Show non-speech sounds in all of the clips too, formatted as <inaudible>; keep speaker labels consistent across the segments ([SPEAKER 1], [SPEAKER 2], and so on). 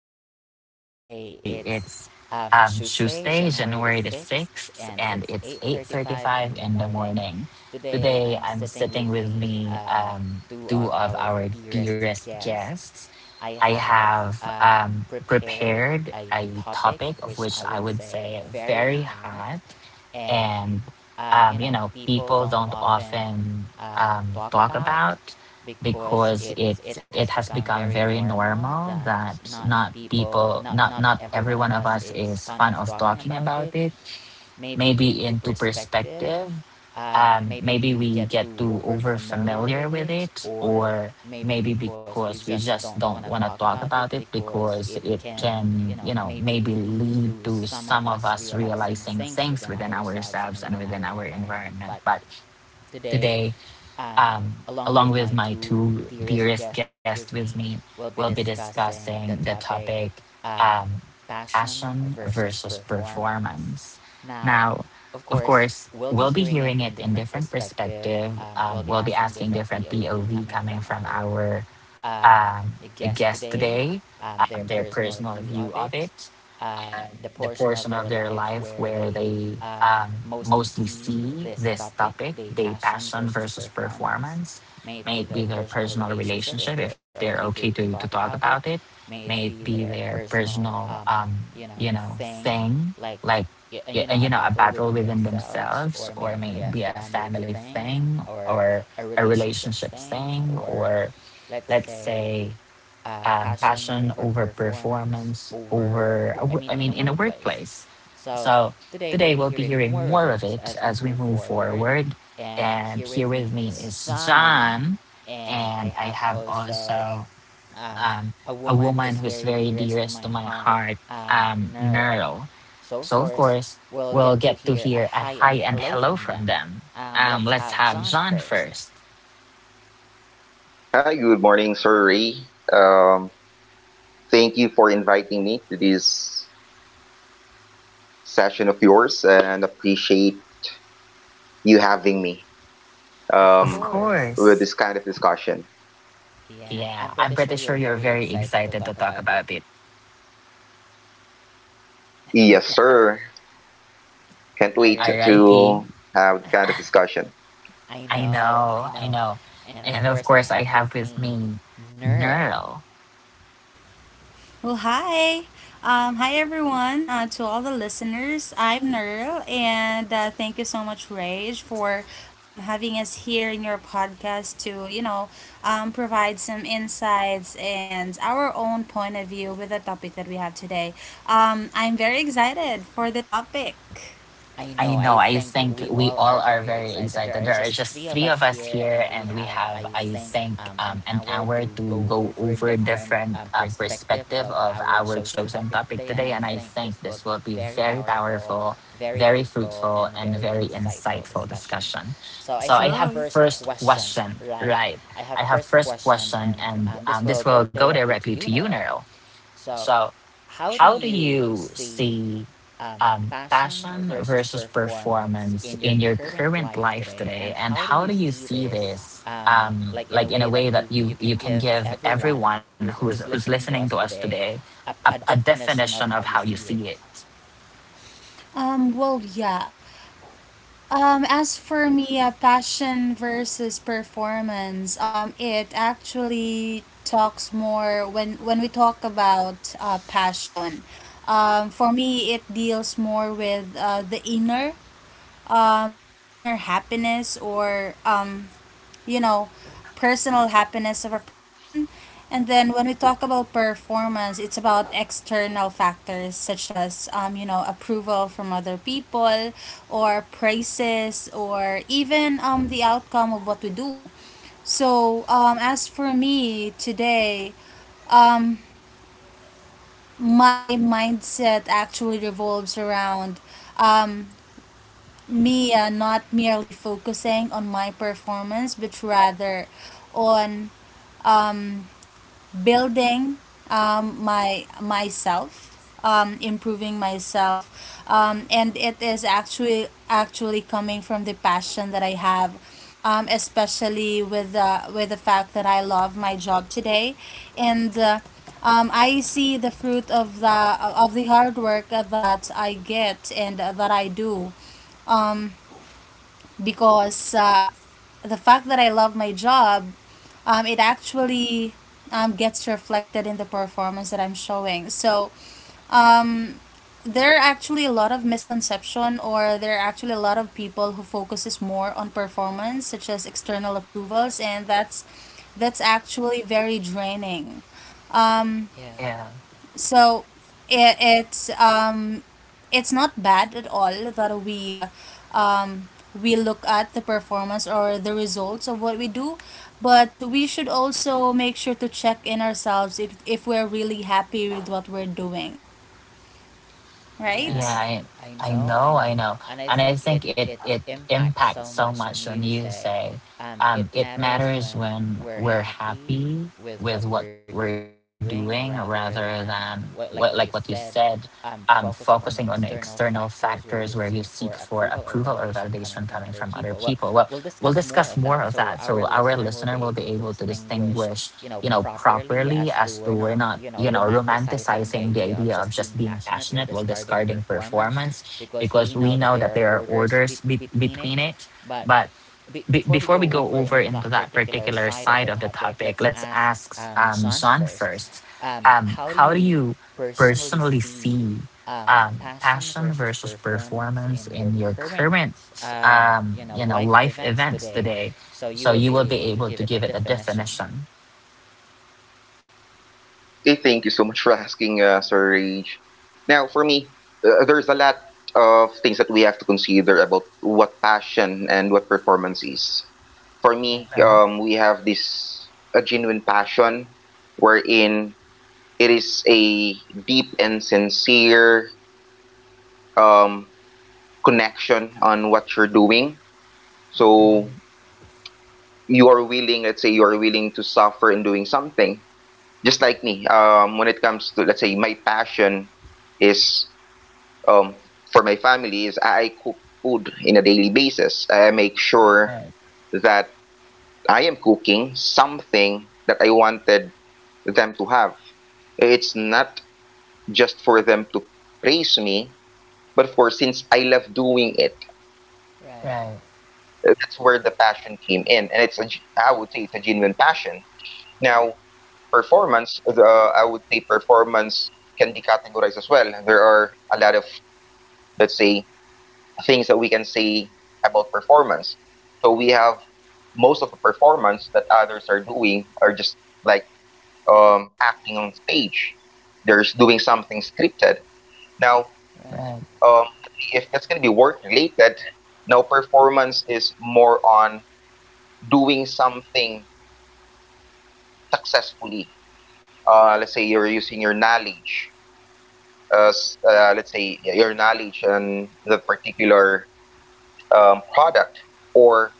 [SPEAKER 1] dearest listeners today. It's Tuesday, January the 6th, and it's 8:35 in the morning. Today, I'm sitting with me two of our dearest guests. I have prepared a topic of which I would say very hot and people don't often talk about because it has become very normal that not people not not every one of us is fond of talking about it, maybe into perspective. Maybe we get too over familiar with it, or maybe because we just don't want to talk about it because it can, you know, maybe lead to some of us realizing things within ourselves and within our environment. But today, um, along with my two dearest guests with me, we'll be discussing the topic, um, passion versus performance. Now, of course, we'll be hearing it in different perspective. We'll be asking different POV coming from our um, guest today, their personal view of it, uh, the portion of their life where they mostly see this topic, the passion versus performance. May it be their personal relationship, if they're okay to talk about it. May it be their personal, thing, like, a battle within themselves, or may it be a family thing, or a relationship thing, or let's say passion over performance over I mean in a workplace. So today we'll be hearing more of it as we move forward, and here with me is John, and I have also um, a woman who's very dearest to my heart, Nerl. So of course we'll get to hear a hi and hello from them. Let's have John first.
[SPEAKER 2] Hi, good morning, Sir Ray. Um, Thank you for inviting me to this session of yours and appreciate you having me
[SPEAKER 1] Of
[SPEAKER 2] um, with
[SPEAKER 1] course.
[SPEAKER 2] this kind of discussion.
[SPEAKER 1] Yeah, I'm pretty sure you're very excited to talk about it.
[SPEAKER 2] Yes, sir. Can't wait
[SPEAKER 1] Alrighty.
[SPEAKER 2] to have that kind of discussion.
[SPEAKER 1] I know, I know. And of course, I have with me Neural.
[SPEAKER 3] Well, hi. Hi, everyone. To all the listeners, I'm Nerl, and thank you so much, Rage, for having us here in your podcast to, you know, provide some insights and our own point of view with the topic that we have today. I'm very excited for the topic.
[SPEAKER 1] I know. I think we all are very excited. There are just three of us here, and we have, I think, an hour to go over different perspective of our chosen topic today. And I think this will be very powerful, very fruitful, and very insightful discussion. So I have
[SPEAKER 3] Sure.
[SPEAKER 1] first question, right? I have first question, and this will go directly to you, Nero. So how do you see passion versus performance in your current life today, and how do you see this, like in a way that you can give everyone who's listening to us today a definition of how you see it?
[SPEAKER 3] Um, well, yeah. As for me, passion versus performance, it actually talks more when we talk about passion. For me, it deals more with the inner inner happiness or you know, personal happiness of a person. And then when we talk about performance, it's about external factors such as, you know, approval from other people or praises or even the outcome of what we do. So, as for me today, my mindset actually revolves around um, me not merely focusing on my performance, but rather on building my myself improving myself, and it is actually coming from the passion that I have, especially with the fact that I love my job today and I see the fruit of the hard work that I get and that I do because the fact that I love my job, it actually gets reflected in the performance that I'm showing. So there are actually a lot of misconception, or there are actually a lot of people who focuses more on performance, such as external approvals, and that's actually very draining. Um,
[SPEAKER 1] Yeah.
[SPEAKER 3] so it, it's um it's not bad at all that we look at the performance or the results of what we do, but we should also make sure to check in ourselves if we're really happy with what we're doing,
[SPEAKER 1] Yeah,
[SPEAKER 3] right?
[SPEAKER 1] I know, I know. And I think it impacts so much when you say it matters when we're happy with what we're doing rather than what like what you said focusing on external factors where you seek for approval or validation coming from other people. Well, we'll discuss more of that so our listener will be able to distinguish, properly, as to we're not romanticizing the idea of just being passionate while discarding performance, because we know that there are orders between it. But before we go over into that particular side of the topic, let's ask John first. How do you personally see passion versus performance in your current, life events today? So you will be able to give it a definition.
[SPEAKER 2] Okay, thank you so much for asking, Sir Rage. Now, for me, there's a lot of things that we have to consider about what passion and what performance is. For me,
[SPEAKER 1] Right.
[SPEAKER 2] we have this a genuine passion, wherein it is a deep and sincere um, connection on what you're doing.
[SPEAKER 1] Right,
[SPEAKER 2] So you are willing, let's say, you are willing to suffer in doing something. Just like me, when it comes to let's say my passion is um, for my family is I cook food in a daily basis. I make sure that I am cooking something that I wanted them to have. It's not just for them to praise me, but for since I love doing it,
[SPEAKER 1] right,
[SPEAKER 2] that's where the passion came in, and it's a I would say it's a genuine passion. Now, performance, the, I would say performance can be categorized as well. There are a lot of let's say things that we can say about performance. So we have most of the performance that others are doing are just like acting on stage. They're just doing something scripted. Now,
[SPEAKER 1] right,
[SPEAKER 2] let's say if that's going to be work related, now performance is more on doing something successfully. Let's say you're using your knowledge as let's say your knowledge on the particular product or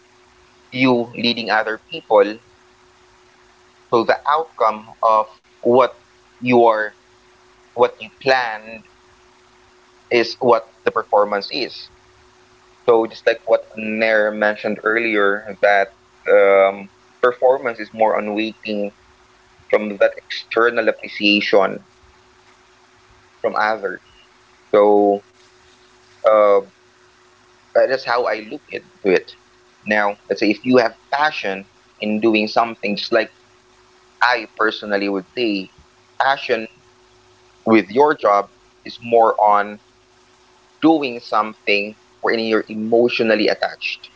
[SPEAKER 2] you leading other people. So the outcome of what you are, what you planned is what the performance is. So just like what Nair mentioned earlier, that um, performance is more on waiting from that external appreciation from others. So um, that's how I look into it. Now, let's say if you have passion in doing something, just like I personally would say, passion with your job is more on doing something wherein you're emotionally attached.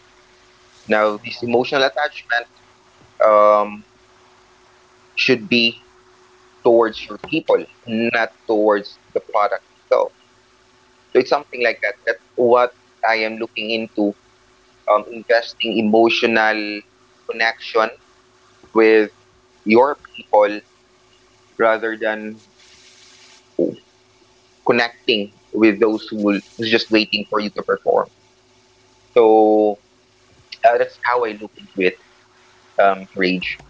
[SPEAKER 2] Now, this
[SPEAKER 1] right.
[SPEAKER 2] emotional attachment um, should be towards your people, not towards the product itself. So it's something like that. That's what I am looking into investing emotional connection with your people rather than connecting with who's just waiting for you to perform. So uh, that's how I look into it, Sir Rage.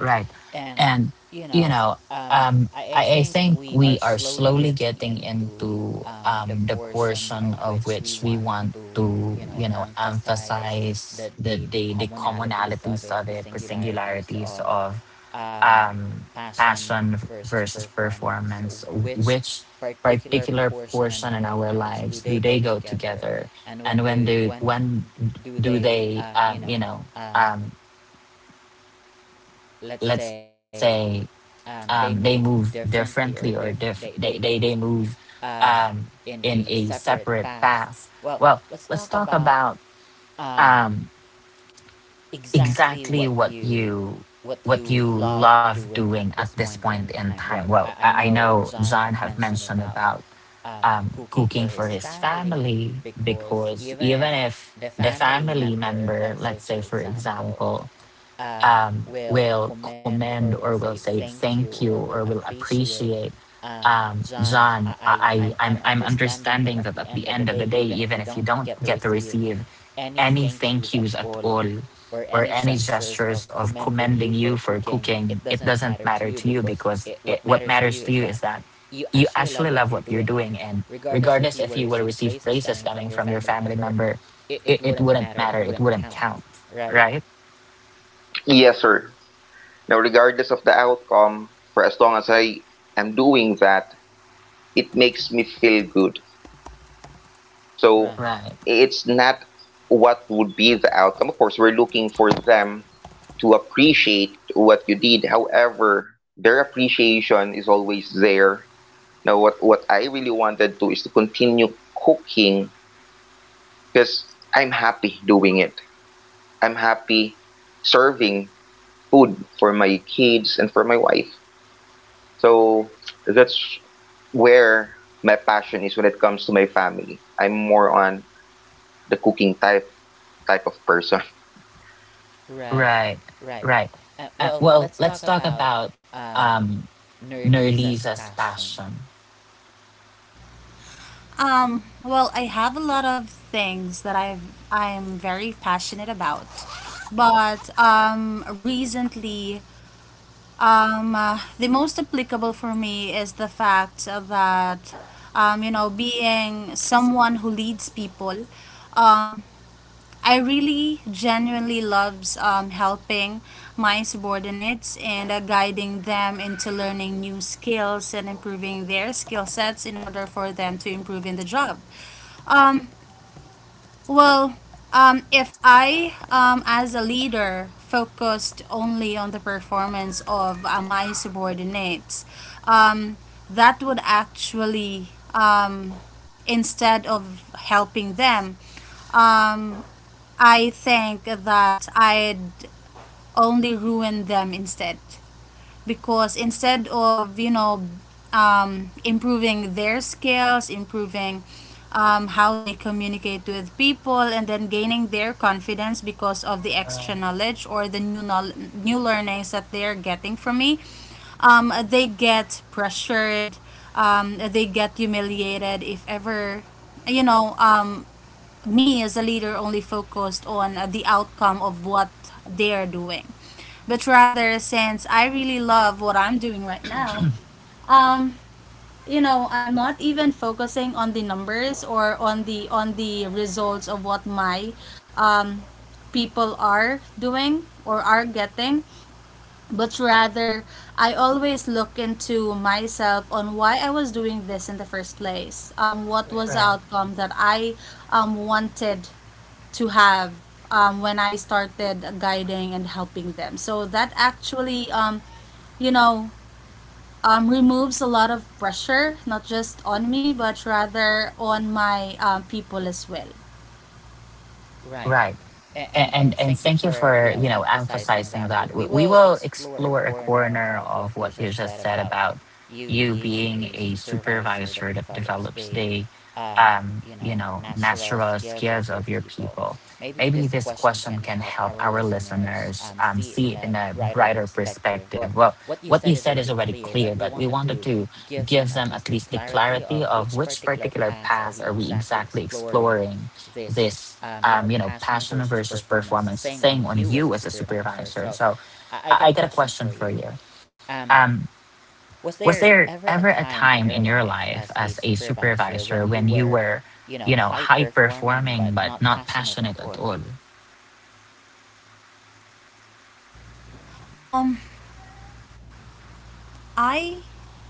[SPEAKER 1] Right. And, you know, I think we are slowly getting into the portion of which we want to, you know, emphasize the commonalities of it, the singularities of um, passion versus performance, which particular portion in our lives do they go together, and when do they um, let's say they move differently or they move um, in a separate path. Well, let's talk about um, exactly what you love doing at this point in time. Well, I know John have mentioned about cooking for his family, because even if the family member, let's say for example, will commend or will say thank you or will appreciate John, I'm understanding that at the end of the day, even if you don't get to receive any thank yous at all or any gestures of commending you for cooking, it doesn't matter to you, because what matters to you is that you actually love what you're doing. And regardless if you will receive praises coming from your family member, it wouldn't matter. It wouldn't count. Right?
[SPEAKER 2] Yes, sir. Now, regardless of the outcome, for as long as I am doing that, it makes me feel good. So
[SPEAKER 1] Right.
[SPEAKER 2] it's not what would be the outcome. Of course, we're looking for them to appreciate what you did. However, their appreciation is always there. Now, what I really wanted to is to continue cooking because I'm happy doing it. I'm happy serving food for my kids and for my wife. So that's where my passion is when it comes to my family. I'm more on the cooking type of person. <laughs>
[SPEAKER 1] Right, right. Well, let's talk about um, Nerlisa's passion.
[SPEAKER 3] I have a lot of things that I'm very passionate about, but recently the most applicable for me is the fact that, you know, being someone who leads people, um, I really genuinely loves helping my subordinates and guiding them into learning new skills and improving their skill sets in order for them to improve in the job. Um, well, if I, as a leader, focused only on the performance of my subordinates, um, that would actually, instead of helping them, um, I think that I'd only ruin them instead, because instead of improving their skills, improving how they communicate with people and then gaining their confidence because of the
[SPEAKER 1] Right,
[SPEAKER 3] extra knowledge or the new learnings that they are getting from me, they get pressured, they get humiliated if ever, you know um, me as a leader only focused on the outcome of what they're doing. But rather, since I really love what I'm doing right now, um, you know, I'm not even focusing on the numbers or on the results of what my um, people are doing or are getting, but rather I always look into myself on why I was doing this in the first place. What was the
[SPEAKER 1] right.
[SPEAKER 3] outcome that I wanted to have when I started guiding and helping them. So that actually, you know, removes a lot of pressure, not just on me, but rather on my people as well.
[SPEAKER 1] Right. And thank you for, you know, emphasizing that. We will explore a corner of what you just said about you being a supervisor that develops the natural skills of your people. Maybe this question can help our listeners see it in a brighter perspective. Well, what you said is already clear, but we wanted to give them at least the clarity of which particular path are we exactly exploring this passion versus performance thing on you as a supervisor. So I got a question for you. um, was there ever a time in your life as a supervisor when you were, you know, high performing but not passionate at all?
[SPEAKER 3] Um, I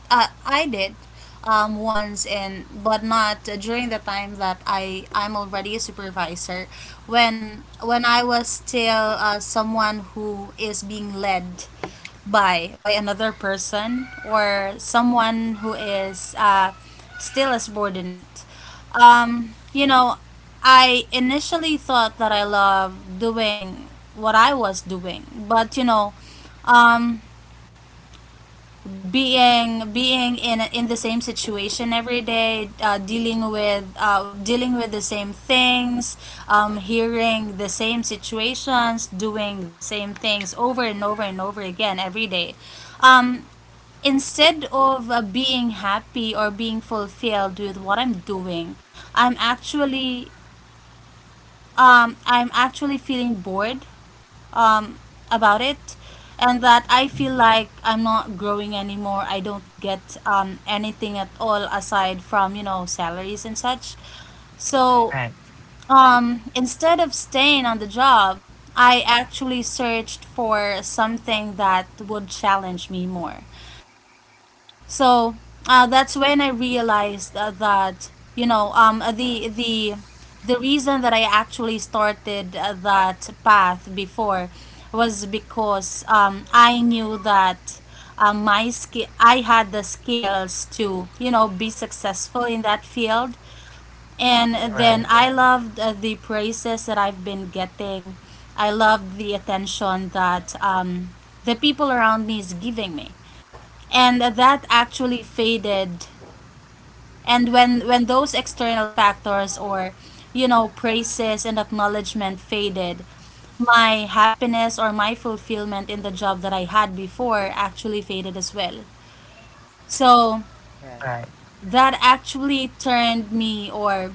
[SPEAKER 3] I did, once, and but not during the time that I'm already a supervisor, when I was still someone who is being led by another person or someone who is still a subordinate. You know, I initially thought that I love doing what I was doing, but you know, um, being in the same situation every day, dealing with the same things, hearing the same situations, doing the same things over and over and over again every day, um, instead of being happy or being fulfilled with what I'm doing, i'm actually I'm actually feeling bored um, about it, and that I feel like I'm not growing anymore. I don't get anything at all aside from, you know, salaries and such. So
[SPEAKER 1] Right.
[SPEAKER 3] instead of staying on the job, I actually searched for something that would challenge me more. So that's when I realized that you know the the reason that I actually started that path before was because I knew that my skill I had the skills to you know be successful in that field, and
[SPEAKER 1] Right.
[SPEAKER 3] then I loved the praises that I've been getting. I loved the attention that the people around me is giving me, and that actually faded, and when those external factors or you know praises and acknowledgement faded, my happiness or my fulfillment in the job that I had before actually faded as well. So
[SPEAKER 1] Right.
[SPEAKER 3] that actually turned me, or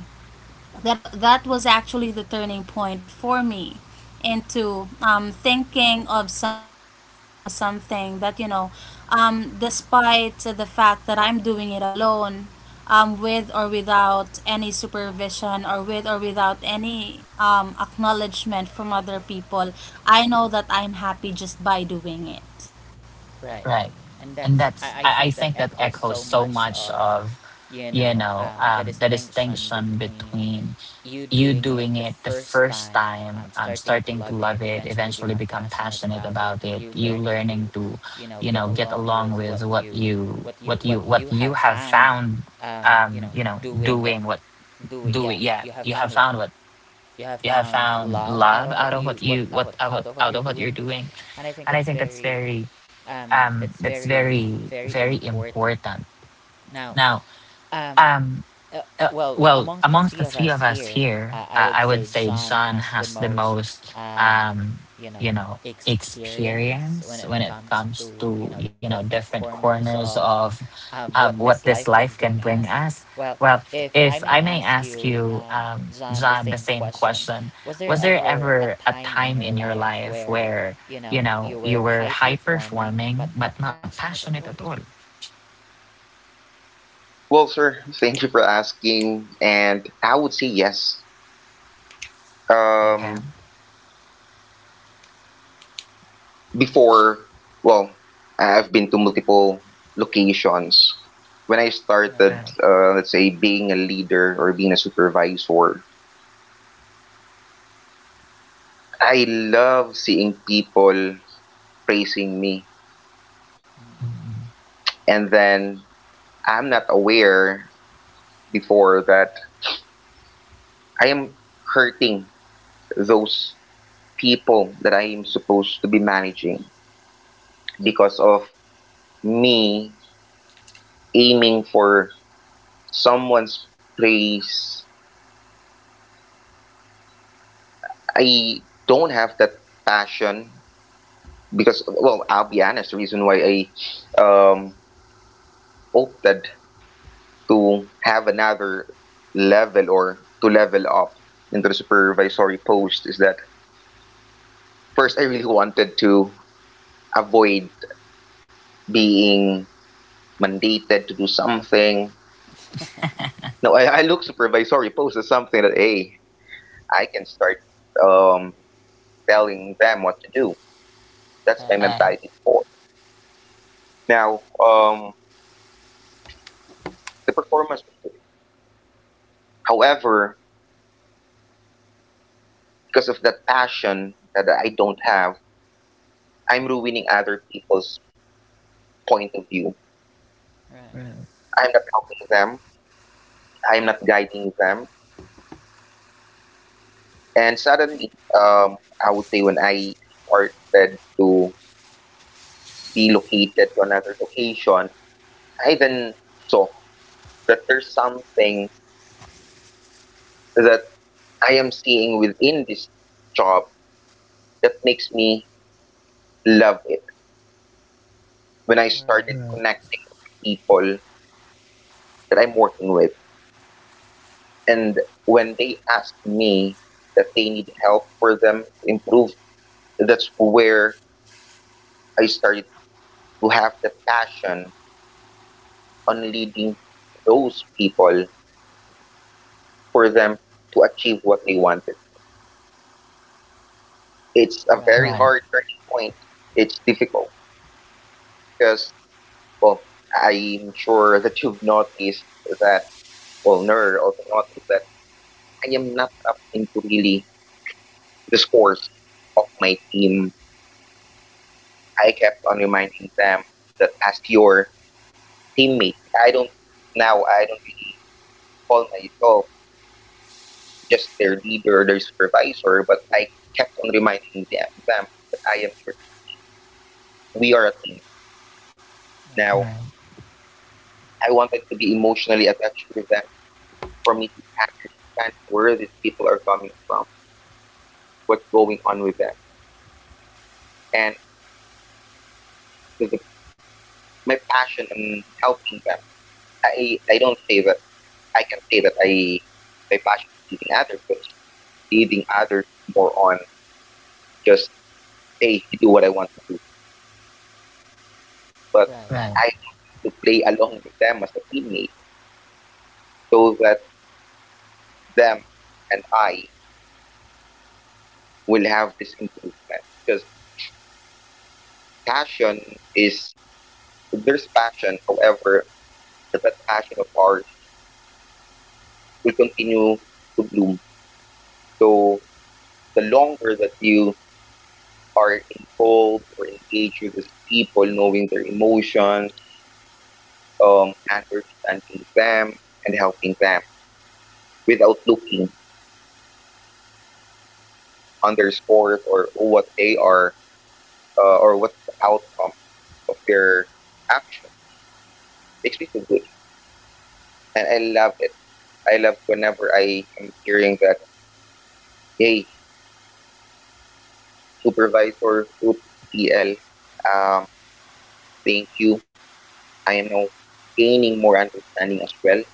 [SPEAKER 3] that was actually the turning point for me into thinking of something or finding something that you know despite the fact that I'm doing it alone, with or without any supervision or with or without any acknowledgement from other people, I know that I'm happy just by doing it.
[SPEAKER 1] Right. And that's, I think that echoes so much of, you know, the distinction between you doing it the first time, starting to love it, eventually become passionate about it, you learning to get along with what you what you what you have found, doing what doing. Yeah, you have found what you have found love out of what you what out of what you're doing, and I think that's very very important. Now, um Uh, well, amongst the three of us here, I would say John has the most, you know, experience when it comes to, you know, different corners of what this life can bring us. Well, if I may ask you, John, the same question: was there ever a time in your life where, you know, you were high performing but not passionate at all?
[SPEAKER 2] Well, sir, thank you for asking, and I would say yes.
[SPEAKER 1] Yeah.
[SPEAKER 2] Um, before, well, I've been to multiple locations. When I started,
[SPEAKER 1] Right.
[SPEAKER 2] let's say, being a leader or being a supervisor, I love seeing people praising me
[SPEAKER 1] Mhm.
[SPEAKER 2] and then I'm not aware before that I am hurting those people that I am supposed to be managing because of me aiming for someone's praise. I don't have that passion because, well, I'll be honest, the reason why I um, opted to have another level or to level up into the supervisory post is that first I really wanted to avoid being mandated to do something. No, I look supervisory post as something that hey, I can start um, telling them what to do. That's my
[SPEAKER 1] Right.
[SPEAKER 2] mentality before. Now, the performance was good. However, because of that passion that I don't have, I'm ruining other people's point of view.
[SPEAKER 1] Right.
[SPEAKER 2] I'm not helping them. I'm not guiding them. And suddenly, I would say when I started to be located to another location, I then saw that there's something that I am seeing within this job that makes me love it when I started connecting with the people that I'm working with. And when they ask me that they need help for them to improve, that's where I started to have the passion on leading those people for them to achieve what they wanted to. It's a very
[SPEAKER 1] Right.
[SPEAKER 2] hard turning point. It's difficult because, well, I'm sure that you've noticed that, well, Ner also noticed that I am not up into really the scores of my team. I kept on reminding them that as your teammate, I don't, now I don't really call myself just their leader, their supervisor, but I kept on reminding them that I am your teammate. We are a team. Now,
[SPEAKER 1] Right.
[SPEAKER 2] I wanted to be emotionally attached with them for me to understand where these people are coming from, what's going on with them, and the my passion on helping them. I don't say that I can say that I my passion is leading others because leading others is more on just hey you do what I want to do, but
[SPEAKER 1] Right,
[SPEAKER 2] I wanted to play along with them as a teammate so that them and I will have this improvement because passion is there's passion however that passion of ours will continue to bloom so the longer that you are involved or engaged with these people knowing their emotions, understanding them and helping them without looking on their scores or what they are or what's the outcome of their actions makes me feel good and I love it. I love whenever I am hearing that, hey, supervisor, soup PL, um, thank you. I am now gaining more understanding as well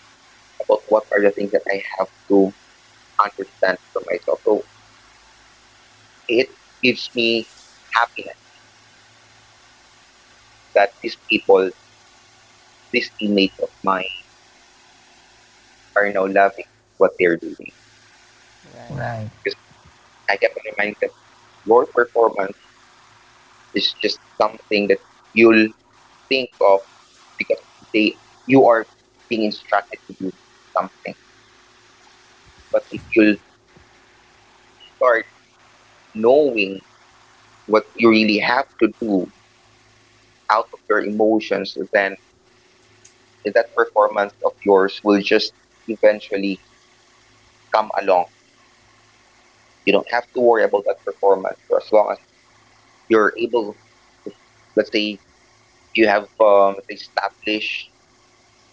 [SPEAKER 2] about what are the things that I have to understand for myself. So it gives me happiness that these people, these teammates of mine, are now loving what they're doing.
[SPEAKER 1] right.
[SPEAKER 2] Because I kept on reminding them, your performance is just something that you'll think of because they you are being instructed to do something but if you'll start knowing what you really have to do out of your emotions then that performance of yours will just eventually come along you don't have to worry about that performance for as long as you're able to let's say you have let's say established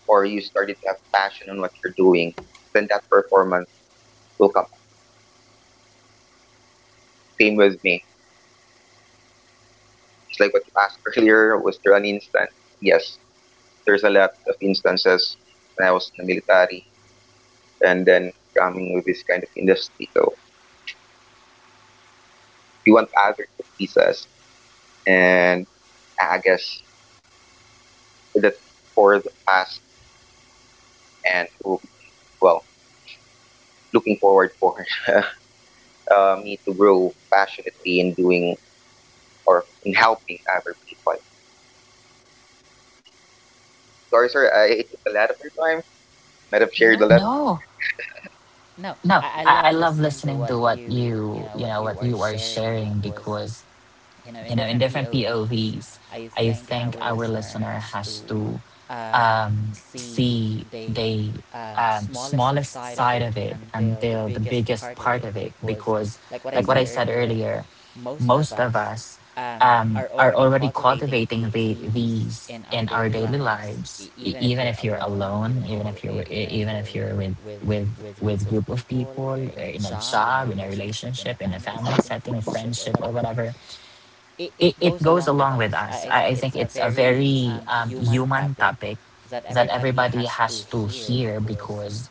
[SPEAKER 2] or you started to have passion on what you're doing, then that performance will come along. Same with me. Just like what you asked <laughs> earlier, was there an instance? Yes, there's a lot of instances when I was in the military and then coming with this kind of industry. So we want others to please us. And I guess that's for the past and, oh, well, looking forward for <laughs> me to grow passionately in doing or in helping other people. Sorry, sir, I it took a lot of your time. Might have shared a lot.
[SPEAKER 1] No, no. I love listening to what you know, what you are sharing because, in different POVs, I think our listener has to see the smallest side of it until the biggest part of it. Because, like what I
[SPEAKER 2] Hmm.
[SPEAKER 1] said earlier, most of us are already cultivating the, these in our daily lives. Even if you're alone, even if you're even if you're with with group of people, in a job, in a relationship, in a family setting, a friendship, or whatever it goes along with us. I think it's a very human topic that everybody has to hear because,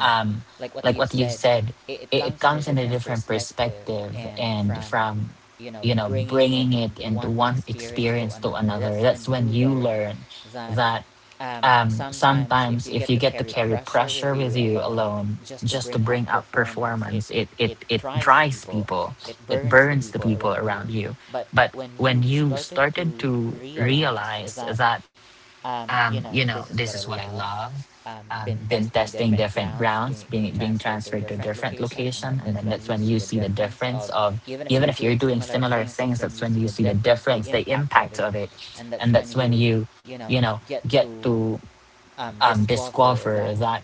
[SPEAKER 1] um, like what you said, it comes in a different perspective, and from, you know, bringing it into one experience to another. That's when you learn that sometimes if you get to carry pressure with you alone just to bring up performance, it dries people, it burns the people around you. But when you started to realize that this is what I love, been testing different grounds, being transferred to a different location, and then that's when you see the difference of, even if you're doing similar things, that's when you see the difference, the impact of it, and that's when you know get to discover that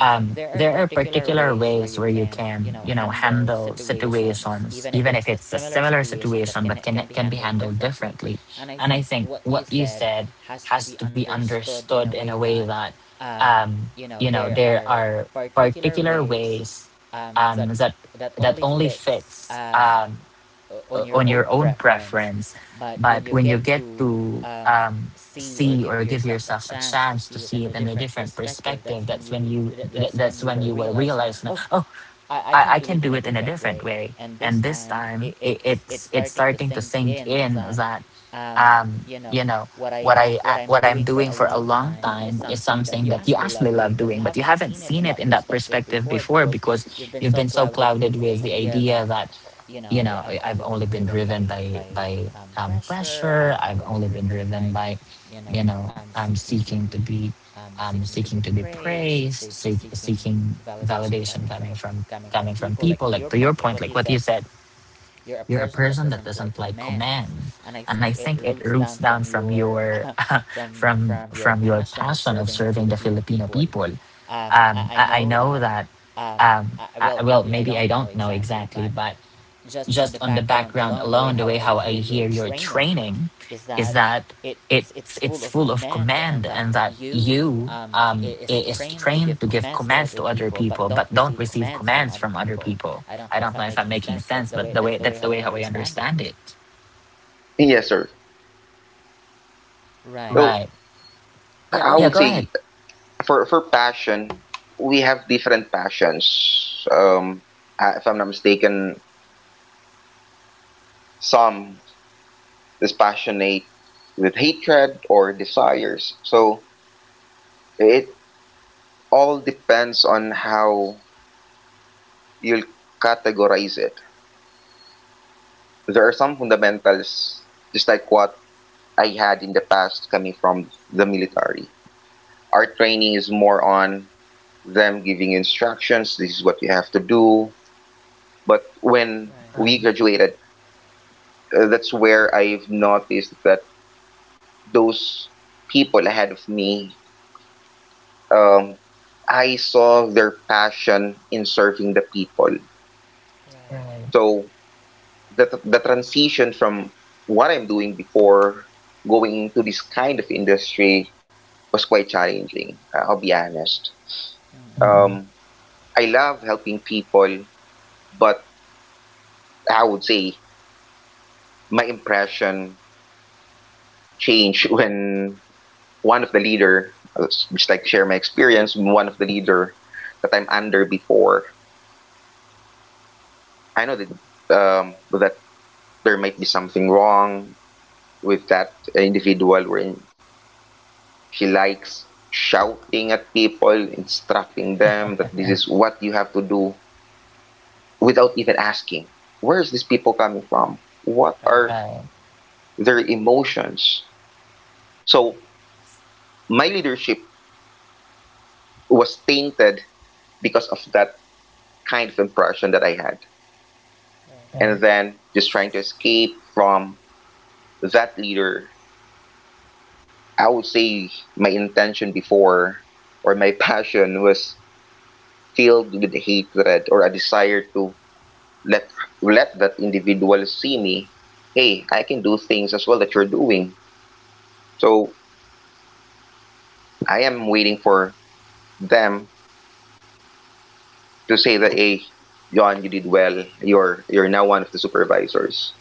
[SPEAKER 1] there are particular ways where you can, you know, handle situations, even if it's a similar situation, but can be handled differently. And I think what you said has to be understood in a way that, um, you know, there are particular ways um, that that only fits. On your own preference. But when you get to see or give yourself a chance to see it in a different perspective, that's when you that- that's when you will realize, now, I can do it in a different way. And this time, it's starting to sink in that, um, you know, what I what I'm doing for a long time is something that you actually love doing, but you haven't seen it in that perspective before, because you've been so clouded with the idea that, you know, I- I've only been driven by pressure. I've only been driven by, I'm seeking to be praised, seeking validation coming from people. Like to your point, like what you said, you're a person that doesn't like command. And I think it roots down from your <laughs> from your passion of serving the Filipino people. I know that I, well maybe I don't know exactly, but just on the background alone, the way how I hear your training is that it's full of command, and that you is trained to give commands to other people, but don't receive commands from other people. I don't know if I'm making sense, but the way that's the way how I understand it.
[SPEAKER 2] Yes, sir. So
[SPEAKER 1] Right?
[SPEAKER 2] I
[SPEAKER 1] Yeah.
[SPEAKER 2] would
[SPEAKER 1] Go ahead.
[SPEAKER 2] say for passion, we have different passions. If I'm not mistaken, some is passionate with hatred or desires. So it all depends on how you'll categorize it. There are some fundamentals, just like what I had in the past coming from the military. Our training is more on them giving instructions. This is what you have to do. But when we
[SPEAKER 1] Right.
[SPEAKER 2] graduated, that's where I've noticed that those people ahead of me, um, I saw their passion in serving the people.
[SPEAKER 1] Right.
[SPEAKER 2] So the transition from what I'm doing before going into this kind of industry was quite challenging. Uh, I'll be honest.
[SPEAKER 1] mm
[SPEAKER 2] Um, I love helping people, but I would say my impression changed <laughs> when one of the leader, just like share my experience, when one of the leader that I'm under before, I know that that there might be something wrong with that individual wherein she likes shouting at people, instructing them that this is what you have to do without even asking. Where is these people coming from? What are
[SPEAKER 1] Right.
[SPEAKER 2] their emotions? So my leadership was tainted because of that kind of impression that I had. And then just trying to escape from that leader. I would say my intention before or my <laughs> passion was filled with hatred or a desire to let let that individual see me. Hey, I can do things as well that you're doing. So I am waiting for them to say that hey, John, you did well. You're now one of the supervisors.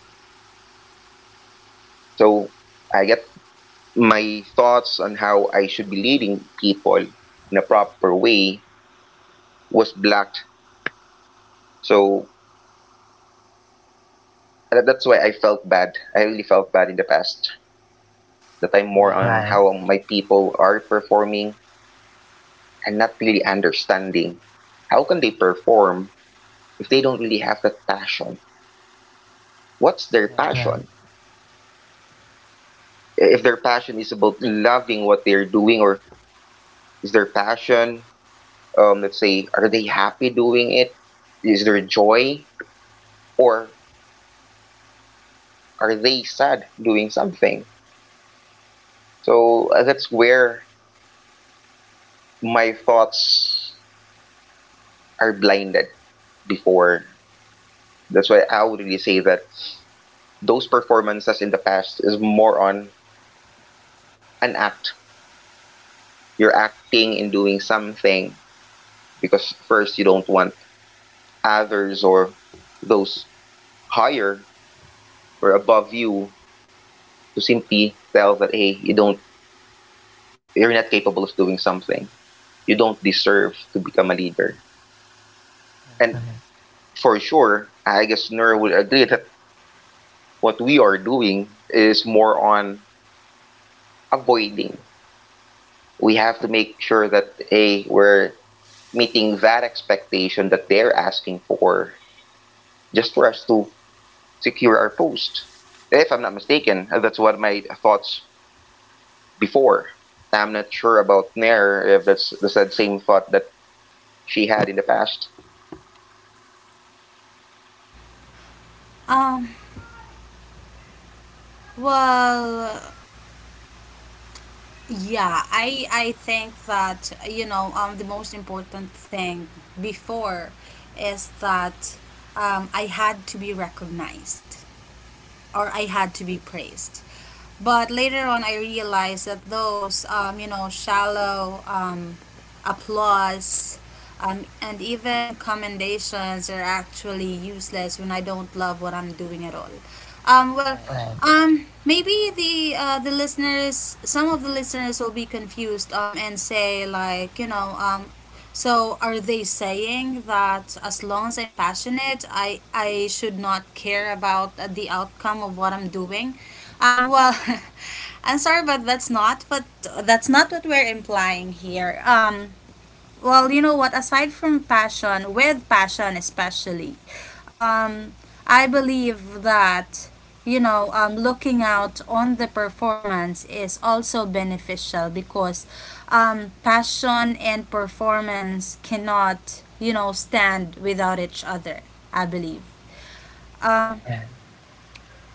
[SPEAKER 2] So I get my thoughts on how I should be leading people in a proper way was blocked. So that's why I felt bad. I really felt bad in the past that I'm more on
[SPEAKER 1] Right. Right.
[SPEAKER 2] how my people are performing and not really understanding how can they perform if they don't really have that passion? What's their
[SPEAKER 1] Right.
[SPEAKER 2] passion? If their passion is about loving what they're doing, or is their passion, let's say, are they happy doing it? Is there joy? Or are they sad doing something? So that's where my thoughts are blinded before. That's why I would really say that those performances in the past is more on an act. You're acting and doing something because first you don't want others or those higher or above you to simply tell that hey you don't you're not capable of doing something. You don't deserve to become a leader. And
[SPEAKER 1] Right.
[SPEAKER 2] for sure, I guess Nur would agree that what we are doing is more on avoiding. We have to make sure that A, we're meeting that expectation that they're asking for just for us to secure our post. If I'm not mistaken, that's what my thoughts before. I'm not sure about Nair if that's the said same thought that she had in the past.
[SPEAKER 3] Um, well, Yeah, I think that you know the most important thing before is that I had to be recognized or I had to be praised. But later on, I realized that those, you know, shallow applause and even commendations are actually useless when I don't love what I'm doing at all. Um, well,
[SPEAKER 1] Right.
[SPEAKER 3] Maybe the listeners, some of the listeners will be confused and say like, you know, so are they saying that as long as I'm passionate, I should not care about the outcome of what I'm doing? Um, well, <laughs> I'm sorry, but that's not. But that's not what we're implying here. Well, you know what? Aside from passion, with passion especially, um, I believe that you know looking out on the performance is also beneficial because passion and performance cannot you know stand without each other. I believe. Um,
[SPEAKER 1] Right.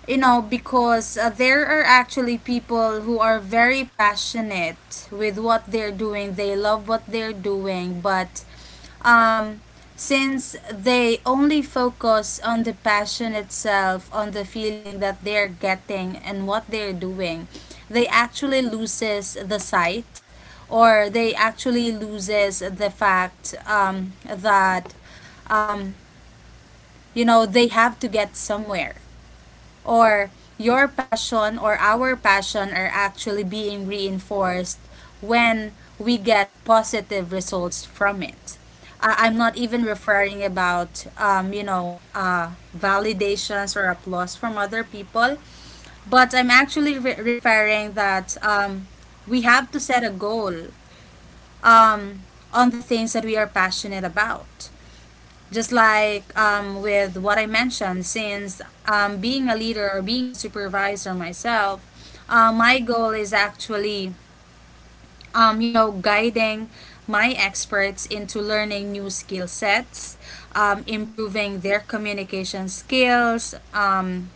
[SPEAKER 3] you know because there are actually people who are very passionate with what they're doing, they love what they're doing, but um since they only focus on the passion itself, on the feeling that they're getting and what they're doing, they actually loses the sight, or they actually loses the fact that um, you know they have to get somewhere, or your passion or our passion are actually being reinforced when we get positive results from it. I'm not even referring about validations or applause from other people, but I'm actually referring that we have to set a goal um, on the things that we are passionate about, just like with what I mentioned, since being a leader or being a supervisor myself, my goal is actually, you know, guiding my experts into learning new skill sets, improving their communication skills,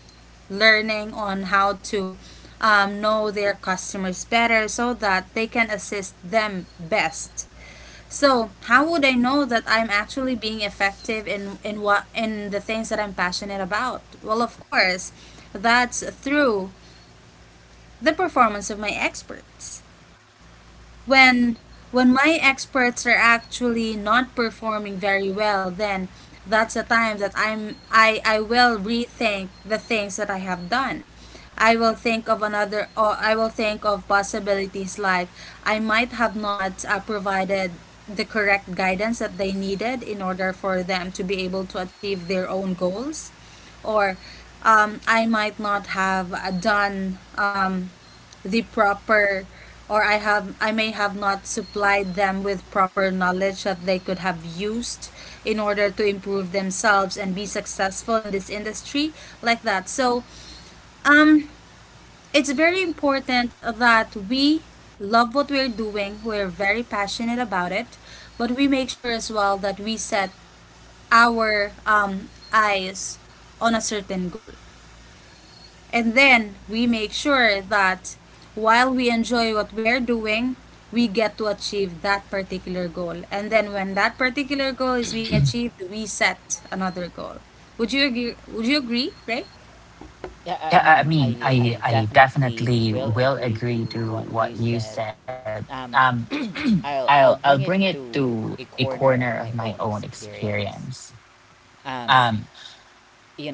[SPEAKER 3] learning on how to know their customers better so that they can assist them best. So, how would I know that I'm actually being effective in what in the things that I'm passionate about? Well, of course, that's through the performance of my experts when my experts are actually not performing very well, then that's the time that I will rethink the things that I have done. I will think of another, or I will think of possibilities like I might have not provided the correct guidance that they needed in order for them to be able to achieve their own goals, or I might not have done the proper, or I have I may have not supplied them with proper knowledge that they could have used in order to improve themselves and be successful in this industry like that. So um it's very important that we love what we're doing. We're very passionate about it, but we make sure as well that we set our eyes on a certain goal. And then we make sure that while we enjoy what we're doing, we get to achieve that particular goal. And then when that particular goal is being achieved, we set another goal. Would you agree? Would you agree, right?
[SPEAKER 1] Yeah, I mean, I definitely will agree to what you said. Um, I'll bring it to a corner of my own experience. Um,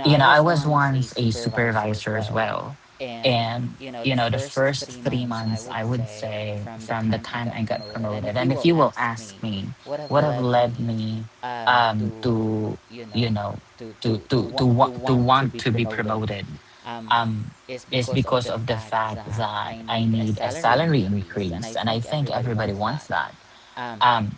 [SPEAKER 1] you know, I was once a supervisor as well, and you know, the first 3 months, I would say, from the time I got promoted, and if you will ask me, what have led me to, you know, to want to be promoted, um, is because of the fact that I need a salary increase, and I think everybody wants that. Um,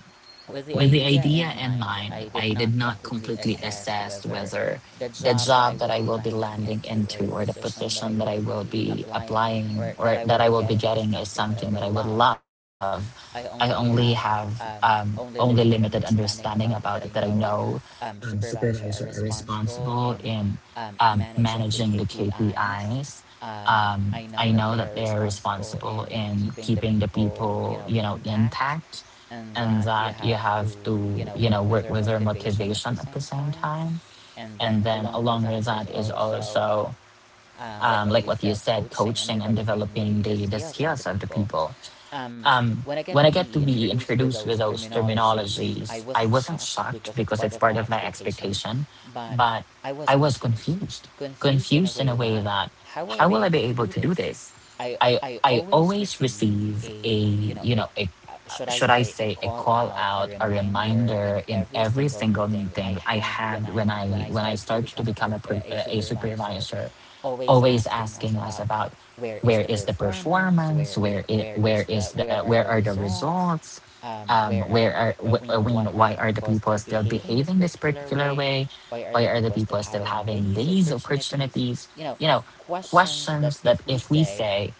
[SPEAKER 1] with the idea in mind, I did not completely assess whether the job that I will be landing into or the position that I will be applying or that I will be getting is something that I would love. I only have only limited understanding about it that I know supervisors are responsible in managing the KPIs. I know that they are responsible in keeping the people, you know, intact and that you have to, you know, work with their motivation at the same time. And then along with that is also, like what you said, coaching and developing the skills of the people. Um, when I get to be introduced with those terminologies, I wasn't shocked because it's part of my expectation, but I was confused. Confused in a way that how will I be able to do this? I always receive a you know a should I say a call out, a reminder in every single meeting I had when I started to become a a supervisor, always asking us about where is the performance where is the where are the results, where are I mean why are the people still behaving this particular way, why are the people still having these opportunities, you know, questions that if we say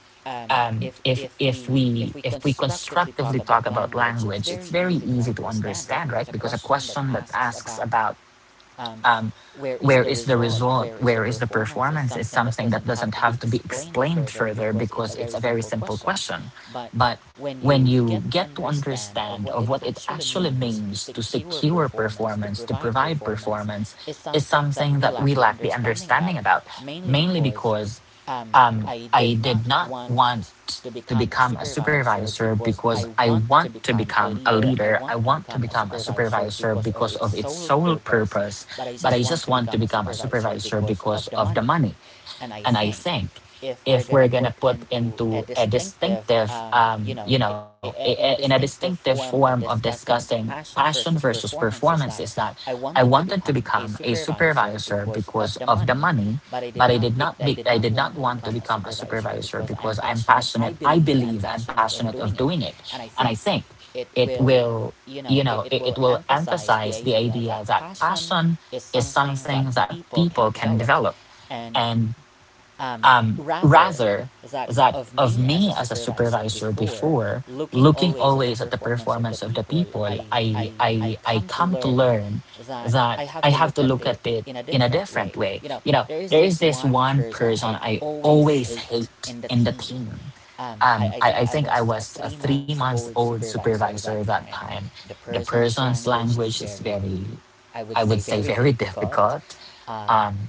[SPEAKER 1] if if we constructively talk about language, it's very easy to understand, right? Because a question that asks about, um, where is the result, where is the performance, is something that doesn't have to be explained further because it's a very simple question. But when you get to understand of what it actually means to secure performance, to provide performance, is something that we lack the understanding about, mainly because I did not want to become a supervisor because I want to become a leader. I want to become a supervisor because of its sole purpose, but I just want to become a supervisor because of the money. And I think if we're gonna put into a distinctive, you know, in a distinctive form of discussing passion versus performance, is that I wanted to become a supervisor because of the money, but I did not want to become a supervisor because I'm passionate. I believe I'm passionate of doing it, and I think it will, you know, it will emphasize the idea that passion is something that people can develop. And rather that of me as a supervisor before looking always at the performance of the people, I come to learn that I have to look at it in a different way. You know, there is this one person I always hate in the team. I think I was a 3 month old supervisor at that time. The person's language is very, I would say, very <laughs> difficult. Um,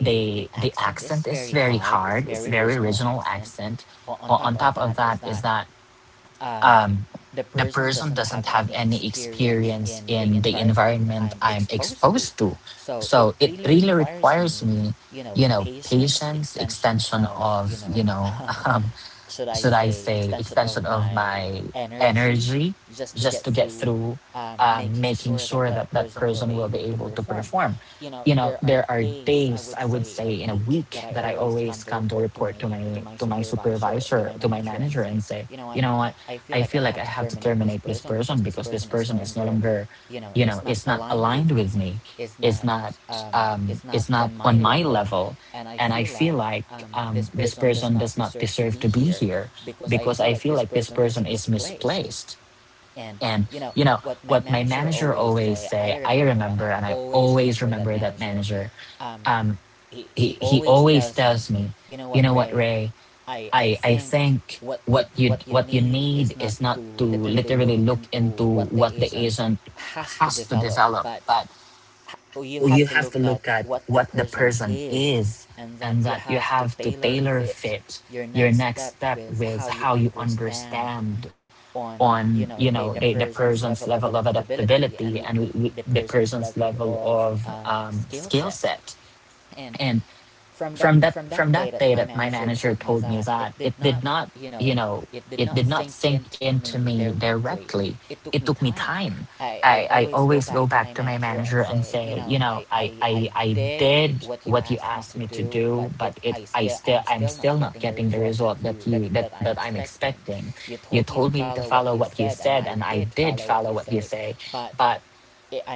[SPEAKER 1] the accent is very hard, it's very original accent. But on top of that is that um the person doesn't have any experience in the environment I'm exposed to, so it really requires me, you know, patience, extension of, you know, <laughs> um, should I say, extension of my energy just to get through, making sure that that person will be able to perform. You know, there are days I would say in a week that I always come to report to my supervisor, to my manager, and say, you know what, I feel like I have to terminate this person because this person is no longer, you know, is not aligned with me, is not is not on my level, and I feel like this person does not deserve to be here because I feel like this person is misplaced. And you know what my manager always say. I remember, and I always remember that manager. Um, he always tells me, you know what, Ray. I think what you need is not to literally look into what the agent has to develop, but you have to look at what the person is, and that you have to tailor fit your next step with how you understand on, you know, the person's level of adaptability, and the person's level of skill set. And from that day that my manager told me that, it did not, you know, it did not sink into me directly. It took me time. I always go back to my manager and say, you know, I did what you asked me to do, but it I still, I'm still not getting the result that you that that I'm expecting. You told me to follow what you said, and I did follow what you say, but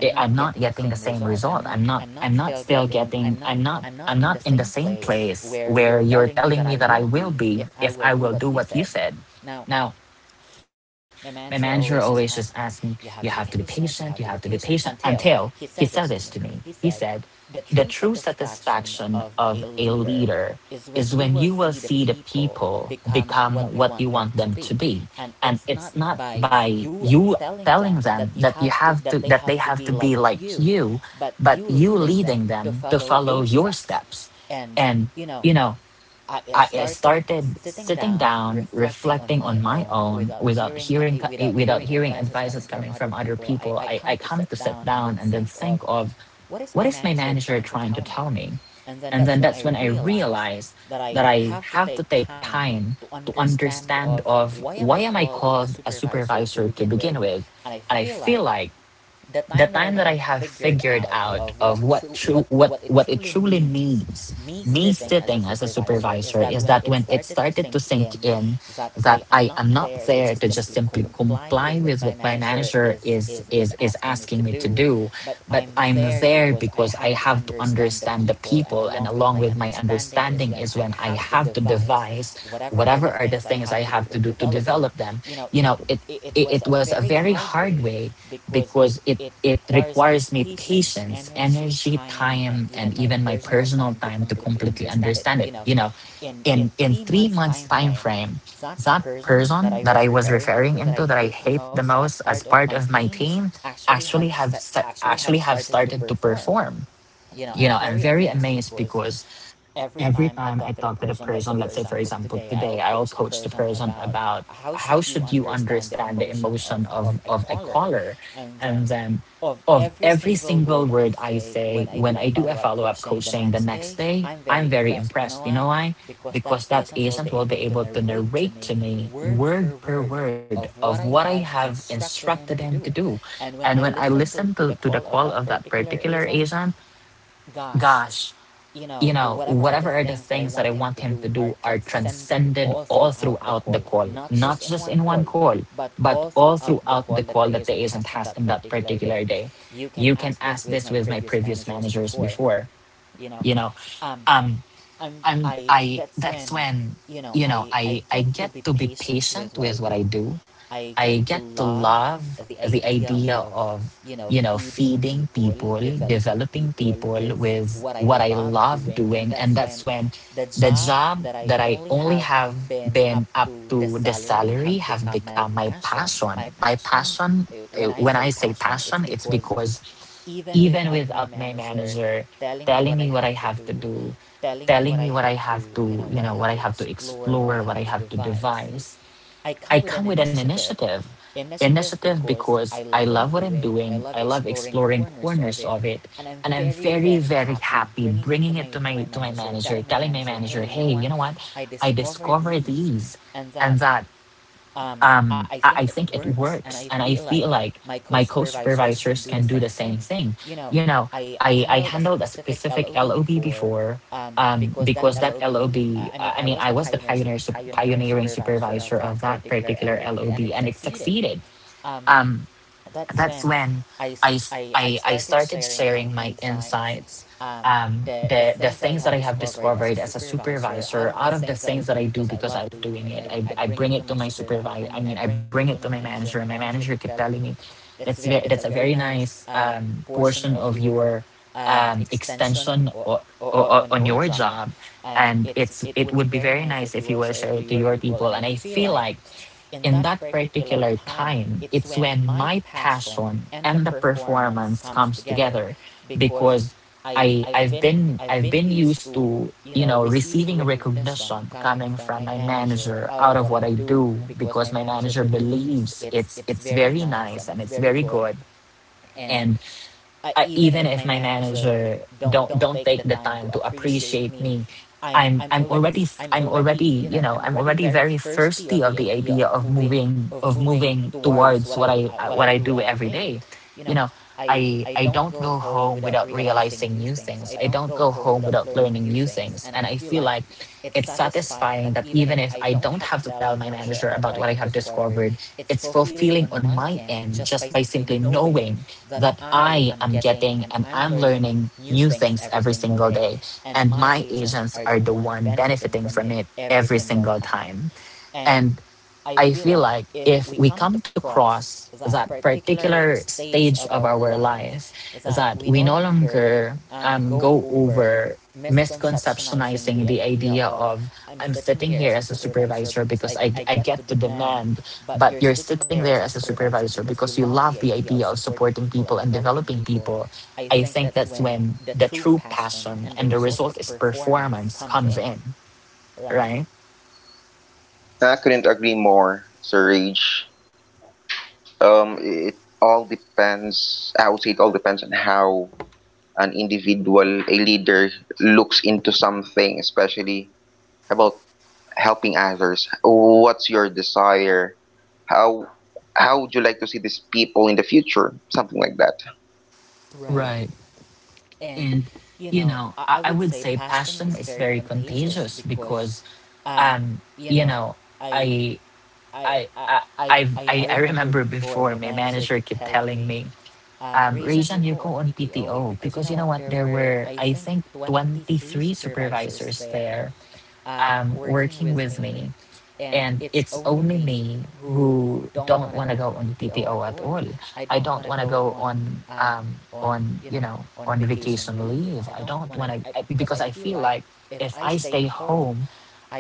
[SPEAKER 1] I- I'm not getting the same result. I'm not still getting, I'm not in the same place where you're telling me that I will be if I will do what you said. Now my manager always just asked me, you have to be patient, you have to be patient, until he said this to me. He said, the true satisfaction of a leader is when you will see the people become what you want them to be. And it's not by you telling them that you have to that they have to be like you, but you leading them to follow your steps. And you know, I started sitting down, reflecting on my own without hearing without hearing advices coming from other people. I come to sit down and then think of, what is my manager trying to tell me? And then that's when I realized that I have to take time to understand of why am I called a supervisor to begin with? And I feel like the time that I have figured out of what it truly means, me sitting as a supervisor, is that when it started to sink in that I am not there to just simply comply with what my manager is asking me to do, but I'm there because I have to understand the people, and along with my understanding is when I have to devise whatever are the things I have to do to develop them. You know, it, it was a very hard way because it requires me patience, energy, time, and even my personal time to completely understand it. You know, in 3 months time frame, that person that I was referring into that I hate the most as part of my team actually have started to perform. You know, I'm very amazed because every time I talk to the person, let's say for example today, I'll coach the person about how should you understand the emotion of a caller, and then of every single word I say, when I do a follow up coaching the next day, I'm very impressed. You know why? Because that agent will be able to narrate to me word per word of what I have instructed him to do. And when I listen to the call of that particular agent, gosh, you know, whatever are the things that I want him to do are transcended all throughout the call, not just in one call, but all throughout the call that the agent has in that particular day. You can ask this with my previous managers before, you know. Um, I'm I that's when, you know, I get to be patient with what I do. I get to love the idea of feeding people, developing people with what I love doing, and that's when the job that I only have been up to the salary have become my passion. My passion, when I say passion, it's because even without my manager telling me what I have to do, telling me what I have to, what I have to explore, what I have to devise. I come with an initiative. Initiative, because I love what I'm doing. I love exploring corners of it. And I'm very, very happy bringing it to my manager, telling my manager, hey, you know what? I discovered these and that, I think it works. And I feel like my co supervisors can do the same thing. You know, I handled a specific LOB before, because that LOB, I mean, I was the pioneer, pioneering supervisor of that particular LOB, and it succeeded. Um, that's when I I I started sharing my insights, the things that I have discovered as a supervisor out of the things that I do because I'm doing it. I bring it to my supervisor. I mean, I bring it to my manager, and my manager kept telling me, that's, that's a very nice, portion of your, extension on your job. And it would be very nice if you will share it to your people. And I feel like in that particular time, it's when my passion and the performance comes together, because I've been used to receiving recognition coming from my manager out of what I do, because my manager believes it's very nice, and it's very good. And, I, even if my manager don't take the time to appreciate me, I'm already very thirsty of the idea of moving towards what I do every day you know I don't go home without realizing new things. I don't go home without learning new things, and I feel like it's satisfying that even if I don't have to tell my manager about what I have discovered, it's fulfilling on my end, just by simply knowing that I am getting and I'm learning new things every single day. And my agents are the one benefiting from it every single time. And I feel like if we come to cross that particular stage of our life, that we no longer, go over misconceptionizing the idea of, I'm sitting here as a supervisor because I get to demand, but you're sitting there as a supervisor because you love the idea of supporting people and developing people. I think that's when the true passion, and the result is performance, comes in, right?
[SPEAKER 2] I couldn't agree more, Sir Rage. It all depends. I would say it all depends on how an individual, a leader looks into something, especially about helping others. What's your desire? How how would you like to see these people in the future? Something like that.
[SPEAKER 1] Right. And, you know, I would say passion is very contagious, because, um, you know, I, I, I, I remember before my manager kept telling me, Rajan, you go on PTO, because you know what? There were, I think, 23 supervisors there, working with me, and it's only me who don't want to go on PTO at all. I don't want to go on you know on vacation leave. I don't want to, because I feel like if I stay home,